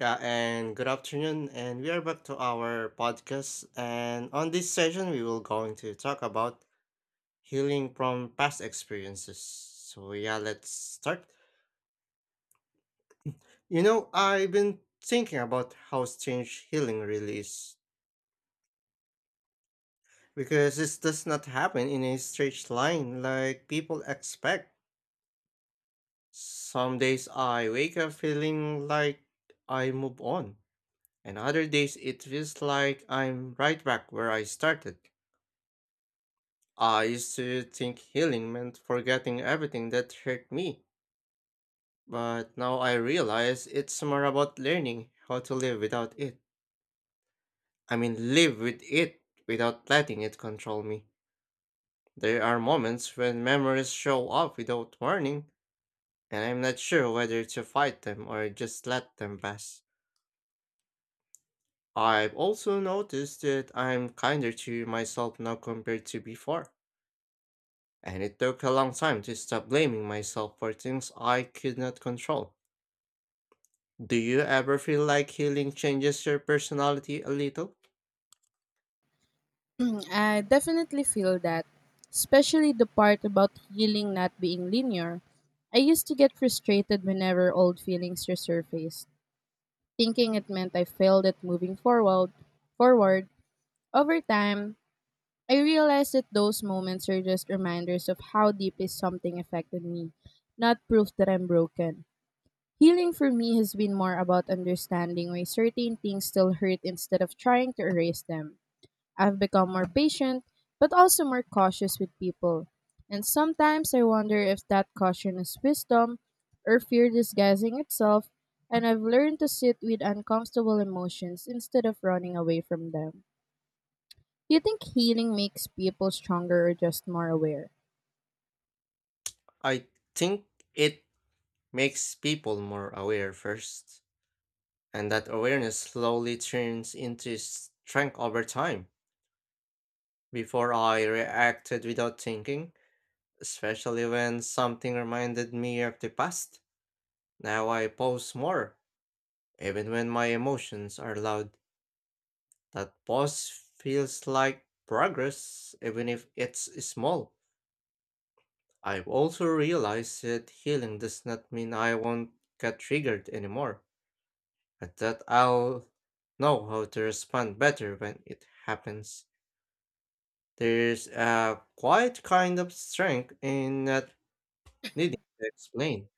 Yeah, and good afternoon. And we are back to our podcast. And on this session, we will going to talk about healing from past experiences. So yeah, let's start. I've been thinking about how strange healing really is because this does not happen in a straight line like people expect. Some days I wake up feeling like I move on, and other days it feels like I'm right back where I started. I used to think healing meant forgetting everything that hurt me, but now I realize it's more about learning how to live without it. I mean, live with it without letting it control me. There are moments when memories show up without warning, and I'm not sure whether to fight them or just let them pass. I've also noticed that I'm kinder to myself now compared to before, and it took a long time to stop blaming myself for things I could not control. Do you ever feel like healing changes your personality a little? Mm, I definitely feel that, especially the part about healing not being linear. I used to get frustrated whenever old feelings resurfaced, thinking it meant I failed at moving forward. Forward over time, I realized that those moments are just reminders of how deeply something affected me, not proof that I'm broken. Healing for me has been more about understanding why certain things still hurt instead of trying to erase them. I've become more patient, but also more cautious with people. And sometimes I wonder if that caution is wisdom or fear disguising itself, and I've learned to sit with uncomfortable emotions instead of running away from them. Do you think healing makes people stronger or just more aware? I think it makes people more aware first, and that awareness slowly turns into strength over time. Before I reacted without thinking, especially when something reminded me of the past. Now I pause more, even when my emotions are loud. That pause feels like progress, even if it's small. I've also realized that healing does not mean I won't get triggered anymore, but that I'll know how to respond better when it happens. There's a quiet kind of strength in not needing to explain,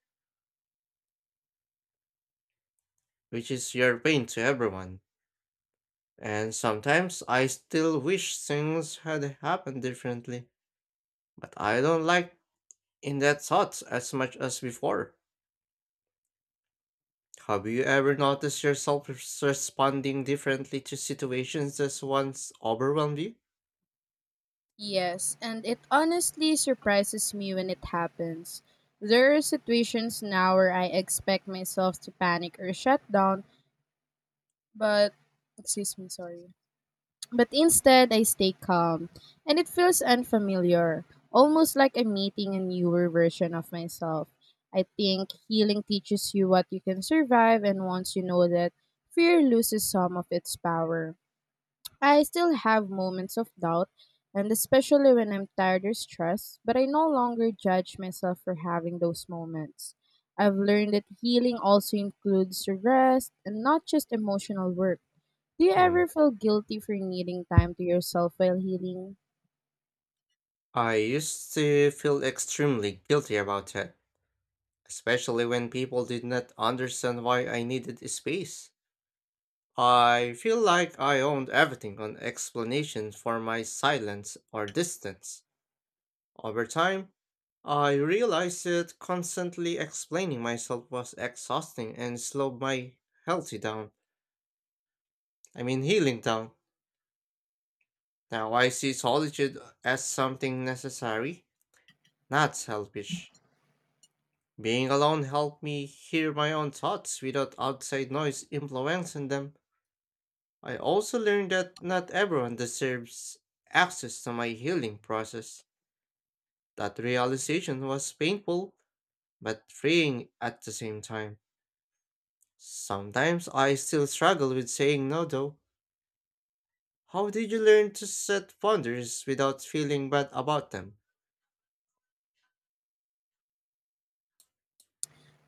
which is your pain to everyone. And sometimes I still wish things had happened differently, but I don't like in that thought as much as before. Have you ever noticed yourself responding differently to situations that once overwhelmed you? Yes, and it honestly surprises me when it happens. There are situations now where I expect myself to panic or shut down, but excuse me, sorry. But instead, I stay calm, and it feels unfamiliar, almost like I'm meeting a newer version of myself. I think healing teaches you what you can survive, and once you know that, fear loses some of its power. I still have moments of doubt, and especially when I'm tired or stressed, but I no longer judge myself for having those moments. I've learned that healing also includes rest and not just emotional work. Do you ever Hmm. feel guilty for needing time to yourself while healing? I used to feel extremely guilty about it, especially when people did not understand why I needed a space. I feel like I owned everything on explanation for my silence or distance. Over time, I realized that constantly explaining myself was exhausting and slowed my healthy down. I mean, healing down. Now I see solitude as something necessary, not selfish. Being alone helped me hear my own thoughts without outside noise influencing them. I also learned that not everyone deserves access to my healing process. That realization was painful but freeing at the same time. Sometimes I still struggle with saying no though. How did you learn to set boundaries without feeling bad about them?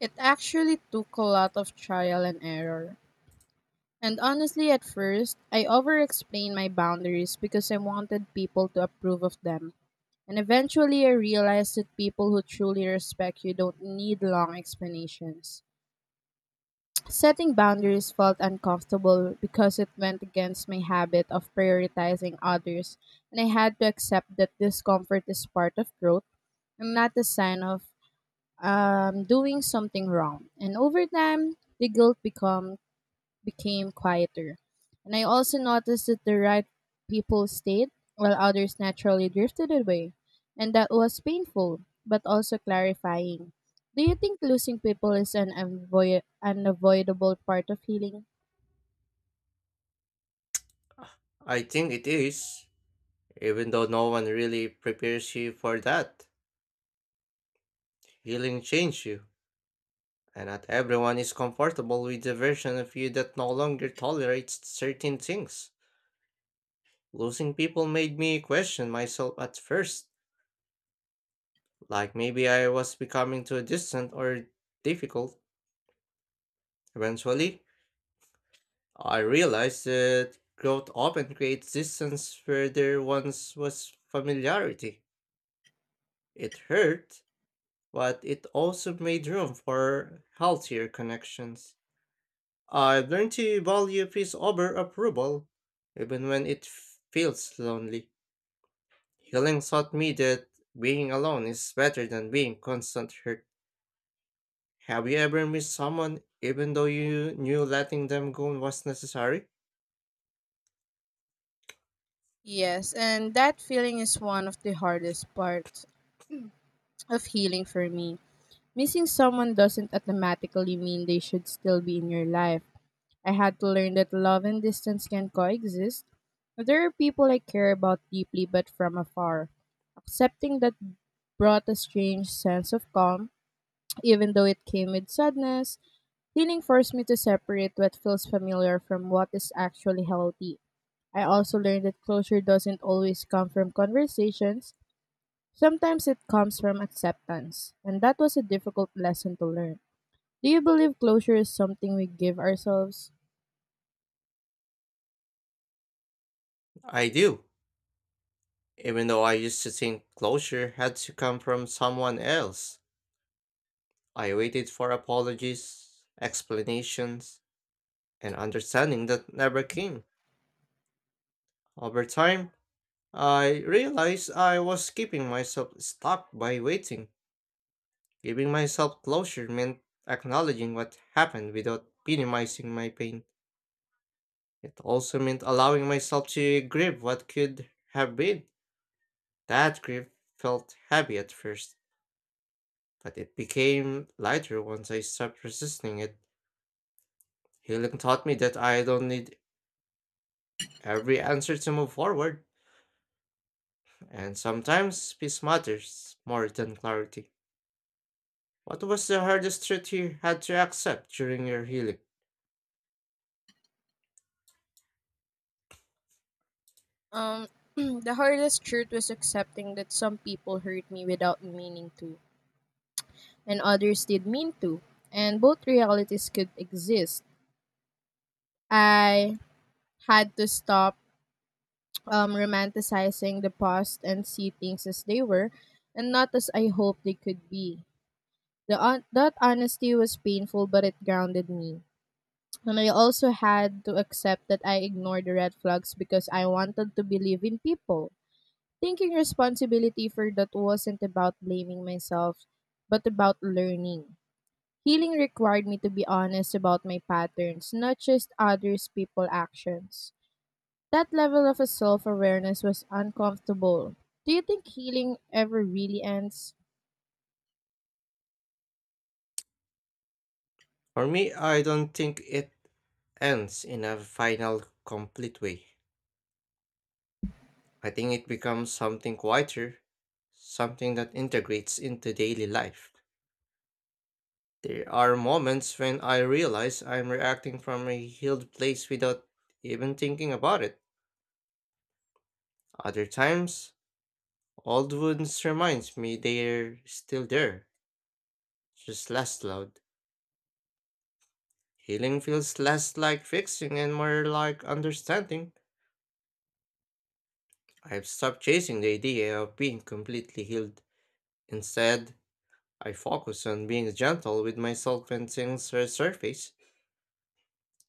It actually took a lot of trial and error. And honestly, at first, I over explained my boundaries because I wanted people to approve of them. And eventually, I realized that people who truly respect you don't need long explanations. Setting boundaries felt uncomfortable because it went against my habit of prioritizing others, and I had to accept that discomfort is part of growth and not a sign of doing something wrong. And over time, the guilt become became quieter. And I also noticed that the right people stayed while others naturally drifted away. And that was painful, but also clarifying. Do you think losing people is an unavoidable part of healing? I think it is. Even though no one really prepares you for that, healing changes you, and not everyone is comfortable with the version of you that no longer tolerates certain things. Losing people made me question myself at first, like maybe I was becoming too distant or difficult. Eventually, I realized that growth often creates distance where there once was familiarity. It hurt, but it also made room for healthier connections. I've learned to value peace over approval, even when it feels lonely. Healing taught me that being alone is better than being constant hurt. Have you ever missed someone even though you knew letting them go was necessary? Yes, and that feeling is one of the hardest parts of healing for me. Missing someone doesn't automatically mean they should still be in your life. I had to learn that love and distance can coexist. There are people I care about deeply but from afar. Accepting that brought a strange sense of calm, even though it came with sadness. Healing forced me to separate what feels familiar from what is actually healthy. I also learned that closure doesn't always come from conversations. Sometimes it comes from acceptance, and that was a difficult lesson to learn. Do you believe closure is something we give ourselves? I do. Even though I used to think closure had to come from someone else, I waited for apologies, explanations, and understanding that never came. Over time, I realized I was keeping myself stuck by waiting. Giving myself closure meant acknowledging what happened without minimizing my pain. It also meant allowing myself to grieve what could have been. That grief felt heavy at first, but it became lighter once I stopped resisting it. Healing taught me that I don't need every answer to move forward, and sometimes peace matters more than clarity. What was the hardest truth you had to accept during your healing? Um, the hardest truth was accepting that some people hurt me without meaning to, and others did mean to, and both realities could exist. I had to stop romanticizing the past and see things as they were, and not as I hoped they could be. That honesty was painful, but it grounded me. And I also had to accept that I ignored the red flags because I wanted to believe in people. Taking responsibility for that wasn't about blaming myself, but about learning. Healing required me to be honest about my patterns, not just others people actions. That level of self-awareness was uncomfortable. Do you think healing ever really ends? For me, I don't think it ends in a final, complete way. I think it becomes something quieter, something that integrates into daily life. There are moments when I realize I'm reacting from a healed place without even thinking about it. Other times, old wounds reminds me they're still there, just less loud. Healing feels less like fixing and more like understanding. I've stopped chasing the idea of being completely healed. Instead, I focus on being gentle with myself when things resurface.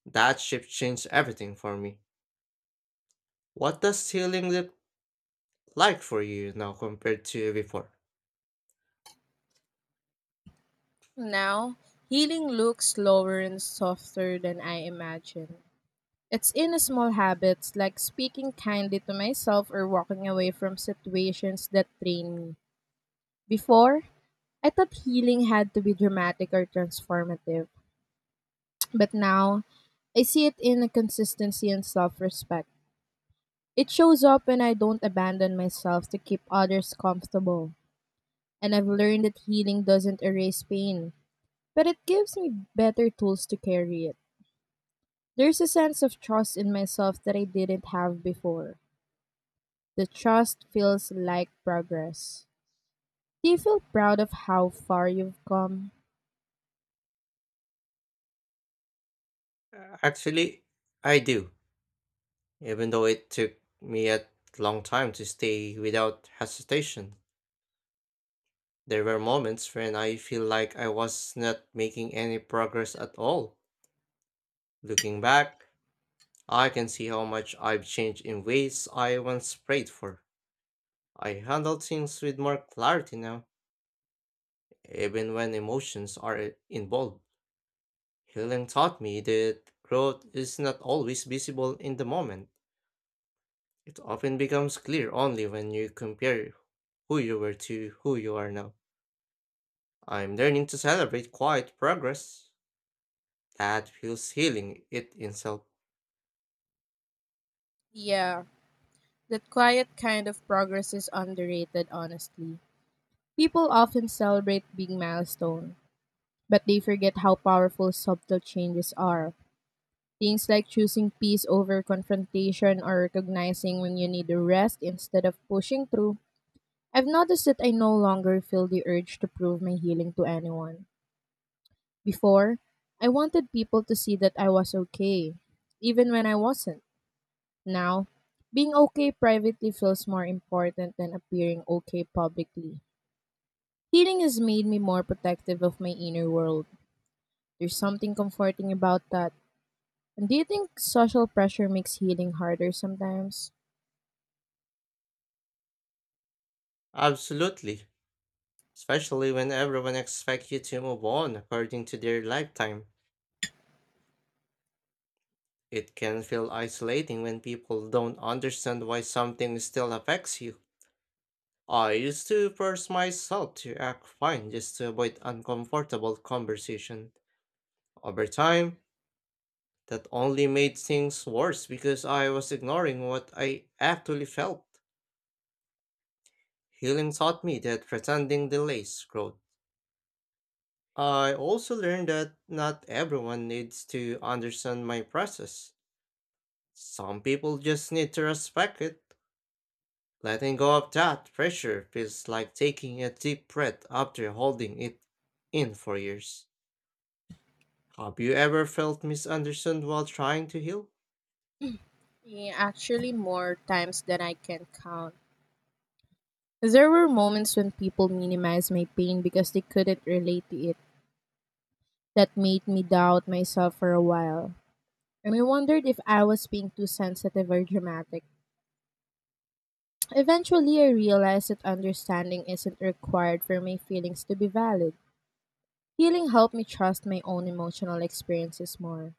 That shift changed everything for me. What does healing look like for you now compared to before? Now, healing looks slower and softer than I imagined. It's in the small habits like speaking kindly to myself or walking away from situations that drain me. Before, I thought healing had to be dramatic or transformative, but now I see it in a consistency and self respect. It shows up when I don't abandon myself to keep others comfortable. And I've learned that healing doesn't erase pain, but it gives me better tools to carry it. There's a sense of trust in myself that I didn't have before. The trust feels like progress. Do you feel proud of how far you've come? Actually, I do, even though it took me a long time to stay without hesitation. There were moments when I feel like I was not making any progress at all. Looking back, I can see how much I've changed in ways I once prayed for. I handle things with more clarity now, even when emotions are involved. Healing taught me that growth is not always visible in the moment. It often becomes clear only when you compare who you were to who you are now. I'm learning to celebrate quiet progress. That feels healing it itself. Yeah, that quiet kind of progress is underrated, honestly. People often celebrate big milestones, but they forget how powerful subtle changes are. Things like choosing peace over confrontation or recognizing when you need a rest instead of pushing through. I've noticed that I no longer feel the urge to prove my healing to anyone. Before, I wanted people to see that I was okay, even when I wasn't. Now, being okay privately feels more important than appearing okay publicly. Healing has made me more protective of my inner world. There's something comforting about that. And do you think social pressure makes healing harder sometimes? Absolutely, especially when everyone expects you to move on according to their lifetime. It can feel isolating when people don't understand why something still affects you. I used to force myself to act fine just to avoid uncomfortable conversation. Over time, that only made things worse because I was ignoring what I actually felt. Healing taught me that pretending delays growth. I also learned that not everyone needs to understand my process. Some people just need to respect it. Letting go of that pressure feels like taking a deep breath after holding it in for years. Have you ever felt misunderstood while trying to heal? Yeah, actually, more times than I can count. There were moments when people minimized my pain because they couldn't relate to it. That made me doubt myself for a while. And I wondered if I was being too sensitive or dramatic. Eventually, I realized that understanding isn't required for my feelings to be valid. Healing helped me trust my own emotional experiences more.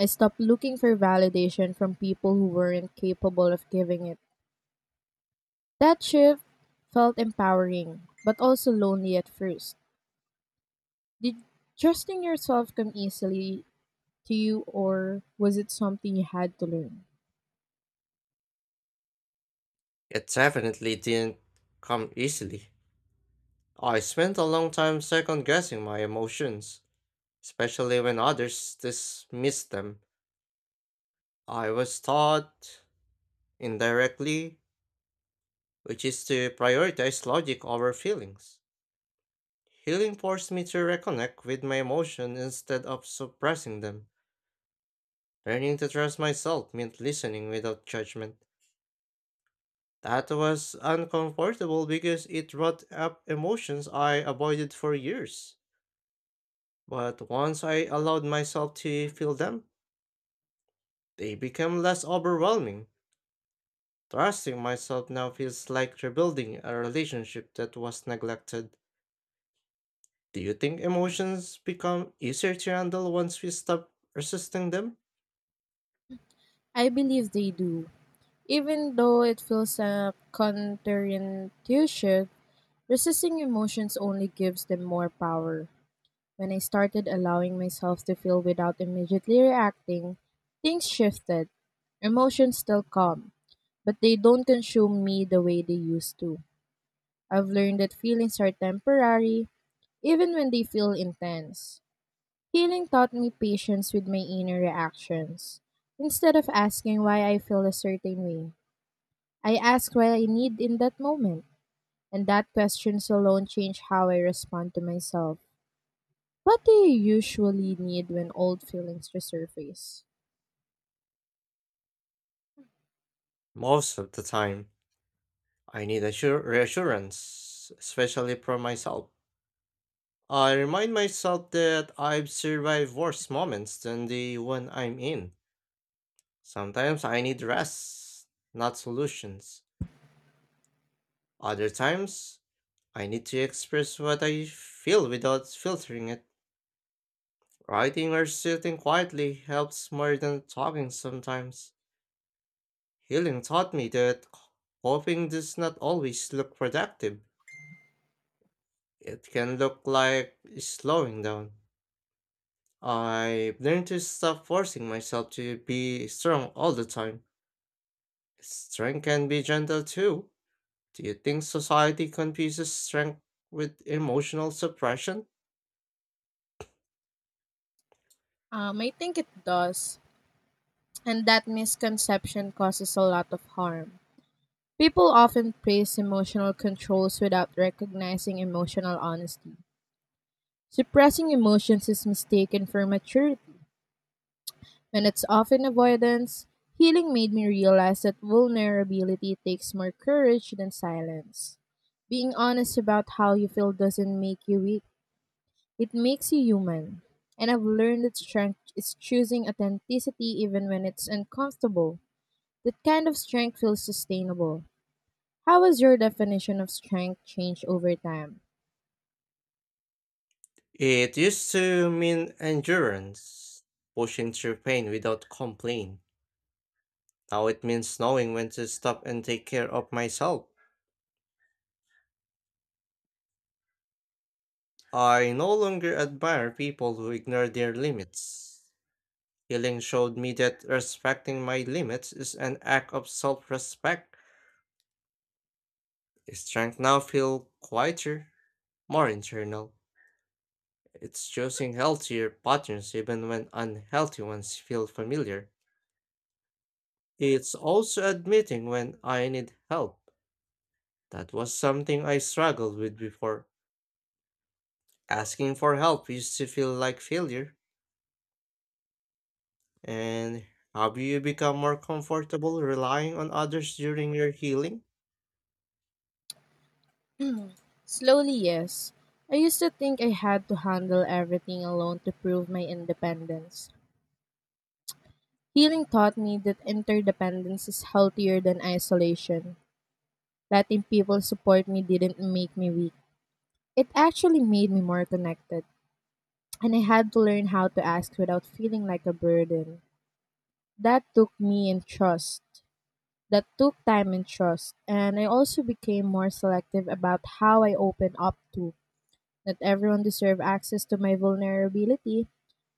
I stopped looking for validation from people who weren't capable of giving it. That shift felt empowering, but also lonely at first. Did trusting yourself come easily to you, or was it something you had to learn? It definitely didn't come easily. I spent a long time second guessing my emotions, especially when others dismissed them. I was taught indirectly which is to prioritize logic over feelings. Healing forced me to reconnect with my emotions instead of suppressing them. Learning to trust myself meant listening without judgment. That was uncomfortable because it brought up emotions I avoided for years. But once I allowed myself to feel them, they became less overwhelming. Trusting myself now feels like rebuilding a relationship that was neglected. Do you think emotions become easier to handle once we stop resisting them? I believe they do. Even though it feels counterintuitive, resisting emotions only gives them more power. When I started allowing myself to feel without immediately reacting, things shifted. Emotions still come, but they don't consume me the way they used to. I've learned that feelings are temporary, even when they feel intense. Healing taught me patience with my inner reactions. Instead of asking why I feel a certain way, I ask what I need in that moment, and that questions alone change how I respond to myself. What do you usually need when old feelings resurface? Most of the time, I need reassurance, especially from myself. I remind myself that I've survived worse moments than the one I'm in. Sometimes I need rest, not solutions. Other times, I need to express what I feel without filtering it. Writing or sitting quietly helps more than talking sometimes. Healing taught me that coping does not always look productive. It can look like slowing down. I've learned to stop forcing myself to be strong all the time. Strength can be gentle too. Do you think society confuses strength with emotional suppression? I think it does, and that misconception causes a lot of harm. People often praise emotional controls without recognizing emotional honesty. Suppressing emotions is mistaken for maturity, and it's often avoidance. Healing made me realize that vulnerability takes more courage than silence. Being honest about how you feel doesn't make you weak. It makes you human. And I've learned that strength is choosing authenticity even when it's uncomfortable. That kind of strength feels sustainable. How has your definition of strength changed over time? It used to mean endurance, pushing through pain without complaint. Now it means knowing when to stop and take care of myself. I no longer admire people who ignore their limits. Healing showed me that respecting my limits is an act of self respect. Strength now feels quieter, more internal. It's choosing healthier patterns even when unhealthy ones feel familiar. It's also admitting when I need help. That was something I struggled with before. Asking for help used to feel like failure. And have you become more comfortable relying on others during your healing? Slowly, yes. I used to think I had to handle everything alone to prove my independence. Healing taught me that interdependence is healthier than isolation. Letting people support me didn't make me weak. It actually made me more connected. And I had to learn how to ask without feeling like a burden. That took me in trust. That took time and trust, and I also became more selective about how I open up to. Not everyone deserved access to my vulnerability,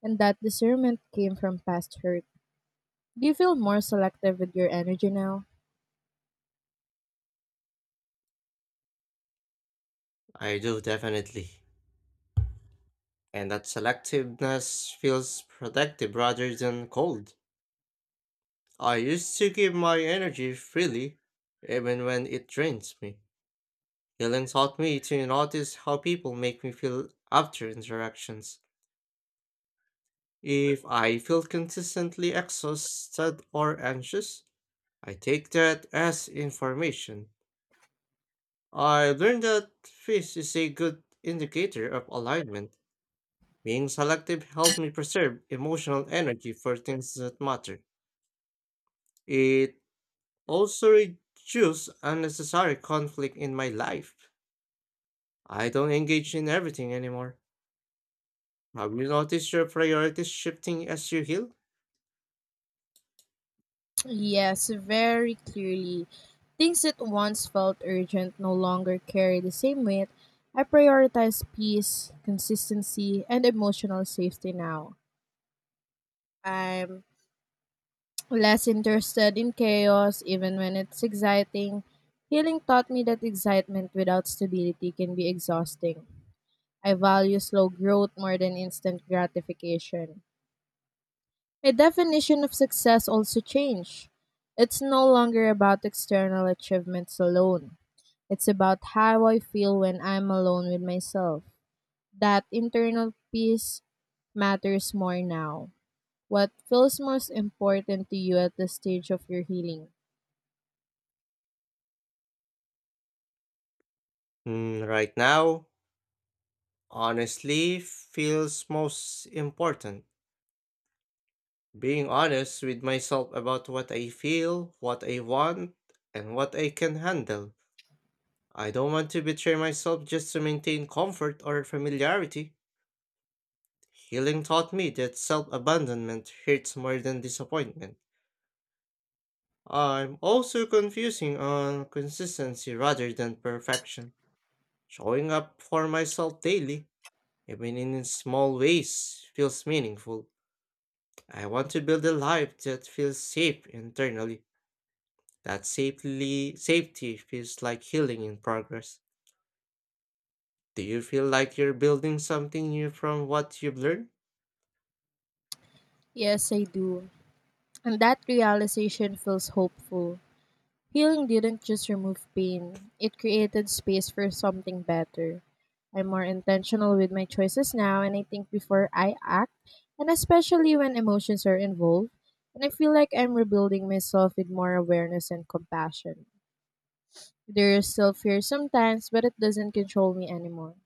and that discernment came from past hurt. Do you feel more selective with your energy now? I do definitely. And that selectiveness feels protective rather than cold. I used to give my energy freely, even when it drains me. Healing taught me to notice how people make me feel after interactions. If I feel consistently exhausted or anxious, I take that as information. I learned that fish is a good indicator of alignment. Being selective helped me preserve emotional energy for things that matter. It also reduced unnecessary conflict in my life. I don't engage in everything anymore. Have you noticed your priorities shifting as you heal? Yes, very clearly. Things that once felt urgent no longer carry the same weight. I prioritize peace, consistency, and emotional safety now. I'm less interested in chaos, even when it's exciting. Healing taught me that excitement without stability can be exhausting. I value slow growth more than instant gratification. My definition of success also changed. It's no longer about external achievements alone. It's about how I feel when I'm alone with myself. That internal peace matters more now. What feels most important to you at the stage of your healing? Right now, honestly feels most important. Being honest with myself about what I feel, what I want, and what I can handle. I don't want to betray myself just to maintain comfort or familiarity. Healing taught me that self abandonment hurts more than disappointment. I'm also confusing on consistency rather than perfection. Showing up for myself daily, even in small ways, feels meaningful. I want to build a life that feels safe internally. That safely safety feels like healing in progress. Do you feel like you're building something new from what you've learned? Yes, I do. And that realization feels hopeful. Healing didn't just remove pain, it created space for something better. I'm more intentional with my choices now and I think before I act, and especially when emotions are involved. And I feel like I'm rebuilding myself with more awareness and compassion. There is still fear sometimes, but it doesn't control me anymore.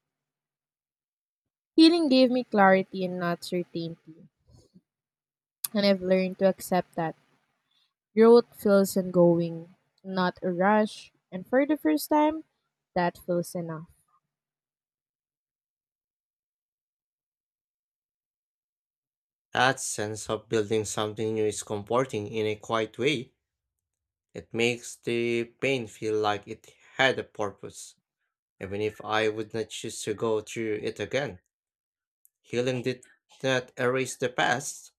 Healing gave me clarity and not certainty, and I've learned to accept that. Growth feels ongoing, not a rush, and for the first time, that feels enough. That sense of building something new is comforting in a quiet way. It makes the pain feel like it had a purpose, even if I would not choose to go through it again. Healing did not erase the past,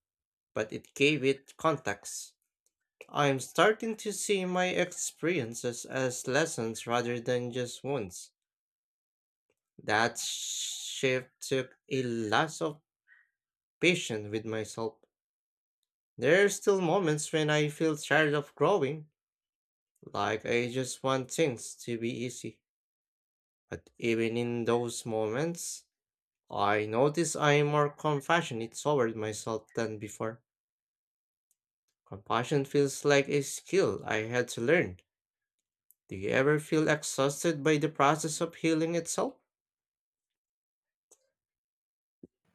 but it gave it context. I'm starting to see my experiences as lessons rather than just wounds. That shift took a lot of patience with myself. There are still moments when I feel tired of growing, like, I just want things to be easy. But even in those moments, I notice I am more compassionate toward myself than before. Compassion feels like a skill I had to learn. Do you ever feel exhausted by the process of healing itself?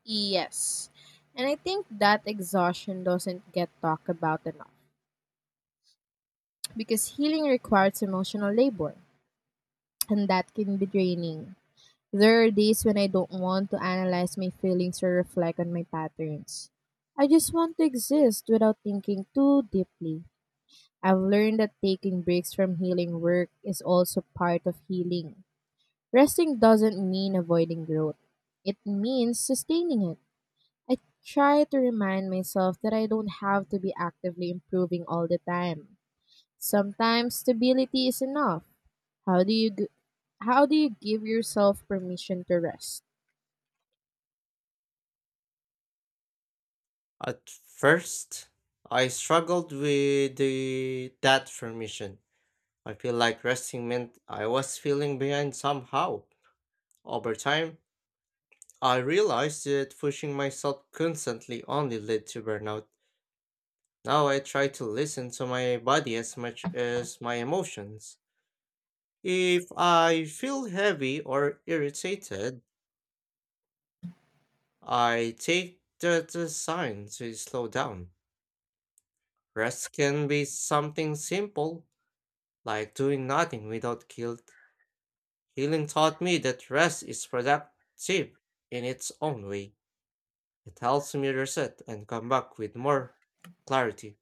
Yes. And I think that exhaustion doesn't get talked about enough because healing requires emotional labor, and that can be draining. There are days when I don't want to analyze my feelings or reflect on my patterns. I just want to exist without thinking too deeply. I've learned that taking breaks from healing work is also part of healing. Resting doesn't mean avoiding growth, it means sustaining it. I try to remind myself that I don't have to be actively improving all the time. Sometimes stability is enough. How do you g- how do you give yourself permission to rest? At first, I struggled with that permission. I feel like resting meant I was feeling behind somehow. Over time, I realized that pushing myself constantly only led to burnout. Now I try to listen to my body as much as my emotions. If I feel heavy or irritated, I take that as a sign to slow down. Rest can be something simple like doing nothing without guilt. Healing taught me that rest is productive in its own way. It helps me reset and come back with more clarity,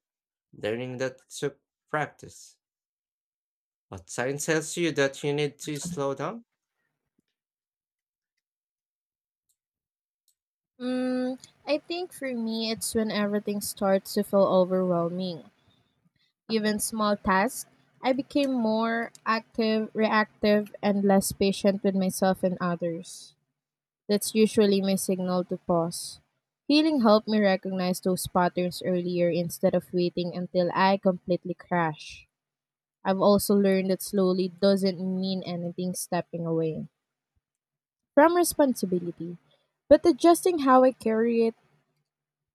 learning that took practice. But science tells you that you need to slow down. Mm, I think for me it's when everything starts to feel overwhelming. Even small tasks, I became more reactive and less patient with myself and others. That's usually my signal to pause. Healing helped me recognize those patterns earlier instead of waiting until I completely crash. I've also learned that slowly doesn't mean anything stepping away from responsibility, but adjusting how I carry it,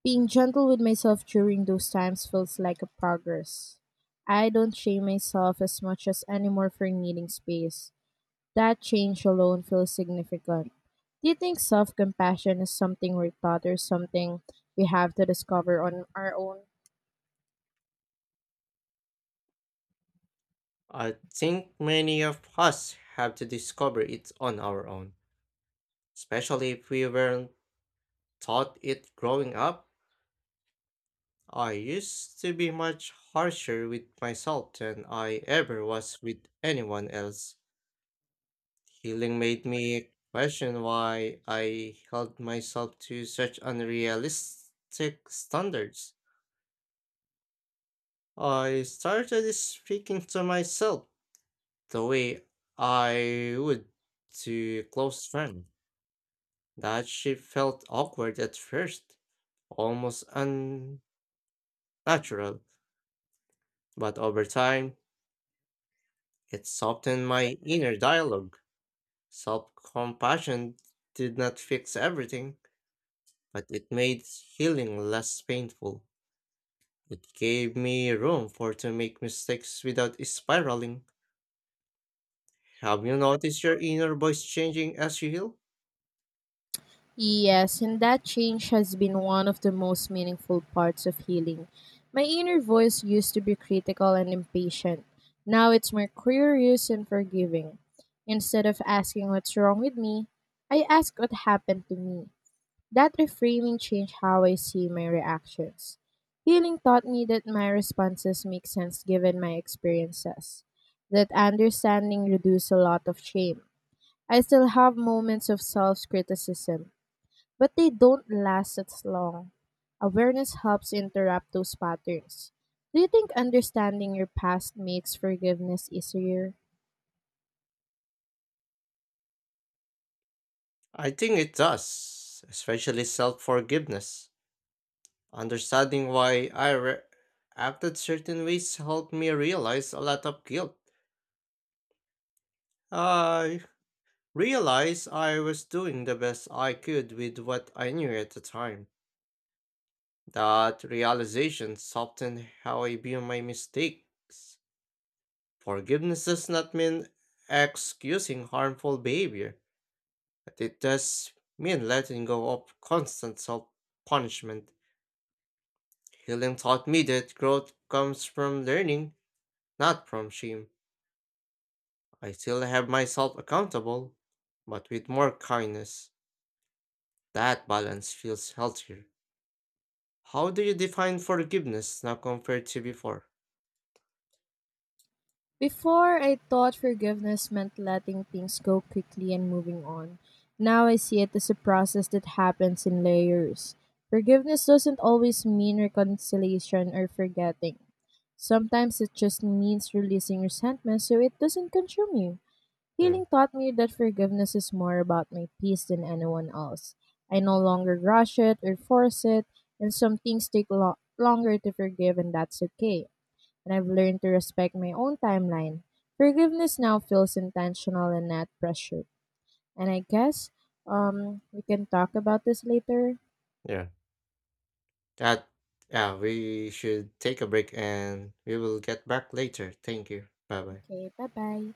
being gentle with myself during those times feels like a progress. I don't shame myself as much as anymore for needing space. That change alone feels significant. Do you think self compassion is something we're taught or something we have to discover on our own? I think many of us have to discover it on our own, especially if we weren't taught it growing up. I used to be much harsher with myself than I ever was with anyone else. Healing made me question why I held myself to such unrealistic standards. I started speaking to myself the way I would to a close friend. That shift felt awkward at first, almost unnatural, but over time, it softened my inner dialogue. Self compassion did not fix everything, but it made healing less painful. It gave me room for to make mistakes without spiraling. Have you noticed your inner voice changing as you heal? Yes, and that change has been one of the most meaningful parts of healing. My inner voice used to be critical and impatient. Now it's more curious and forgiving. Instead of asking what's wrong with me, I ask what happened to me. That reframing changed how I see my reactions. Healing taught me that my responses make sense given my experiences. That understanding reduced a lot of shame. I still have moments of self criticism, but they don't last as long. Awareness helps interrupt those patterns. Do you think understanding your past makes forgiveness easier? I think it does, especially self-forgiveness. Understanding why I acted certain ways helped me realize a lot of guilt. I realized I was doing the best I could with what I knew at the time. That realization softened how I view my mistakes. Forgiveness does not mean excusing harmful behavior, but it does mean letting go of constant self punishment. Healing taught me that growth comes from learning, not from shame. I still have myself accountable, but with more kindness. That balance feels healthier. How do you define forgiveness now compared to before? Before, I thought forgiveness meant letting things go quickly and moving on. Now I see it as a process that happens in layers. Forgiveness doesn't always mean reconciliation or forgetting. Sometimes it just means releasing resentment so it doesn't consume you. Hmm. Healing taught me that forgiveness is more about my peace than anyone else. I no longer rush it or force it, and some things take longer to forgive, and that's okay and I've learned to respect my own timeline. Forgiveness now feels intentional and not pressured. And I guess we can talk about this later. Yeah. That Yeah, we should take a break and we will get back later. Thank you. Bye bye. Okay, bye bye.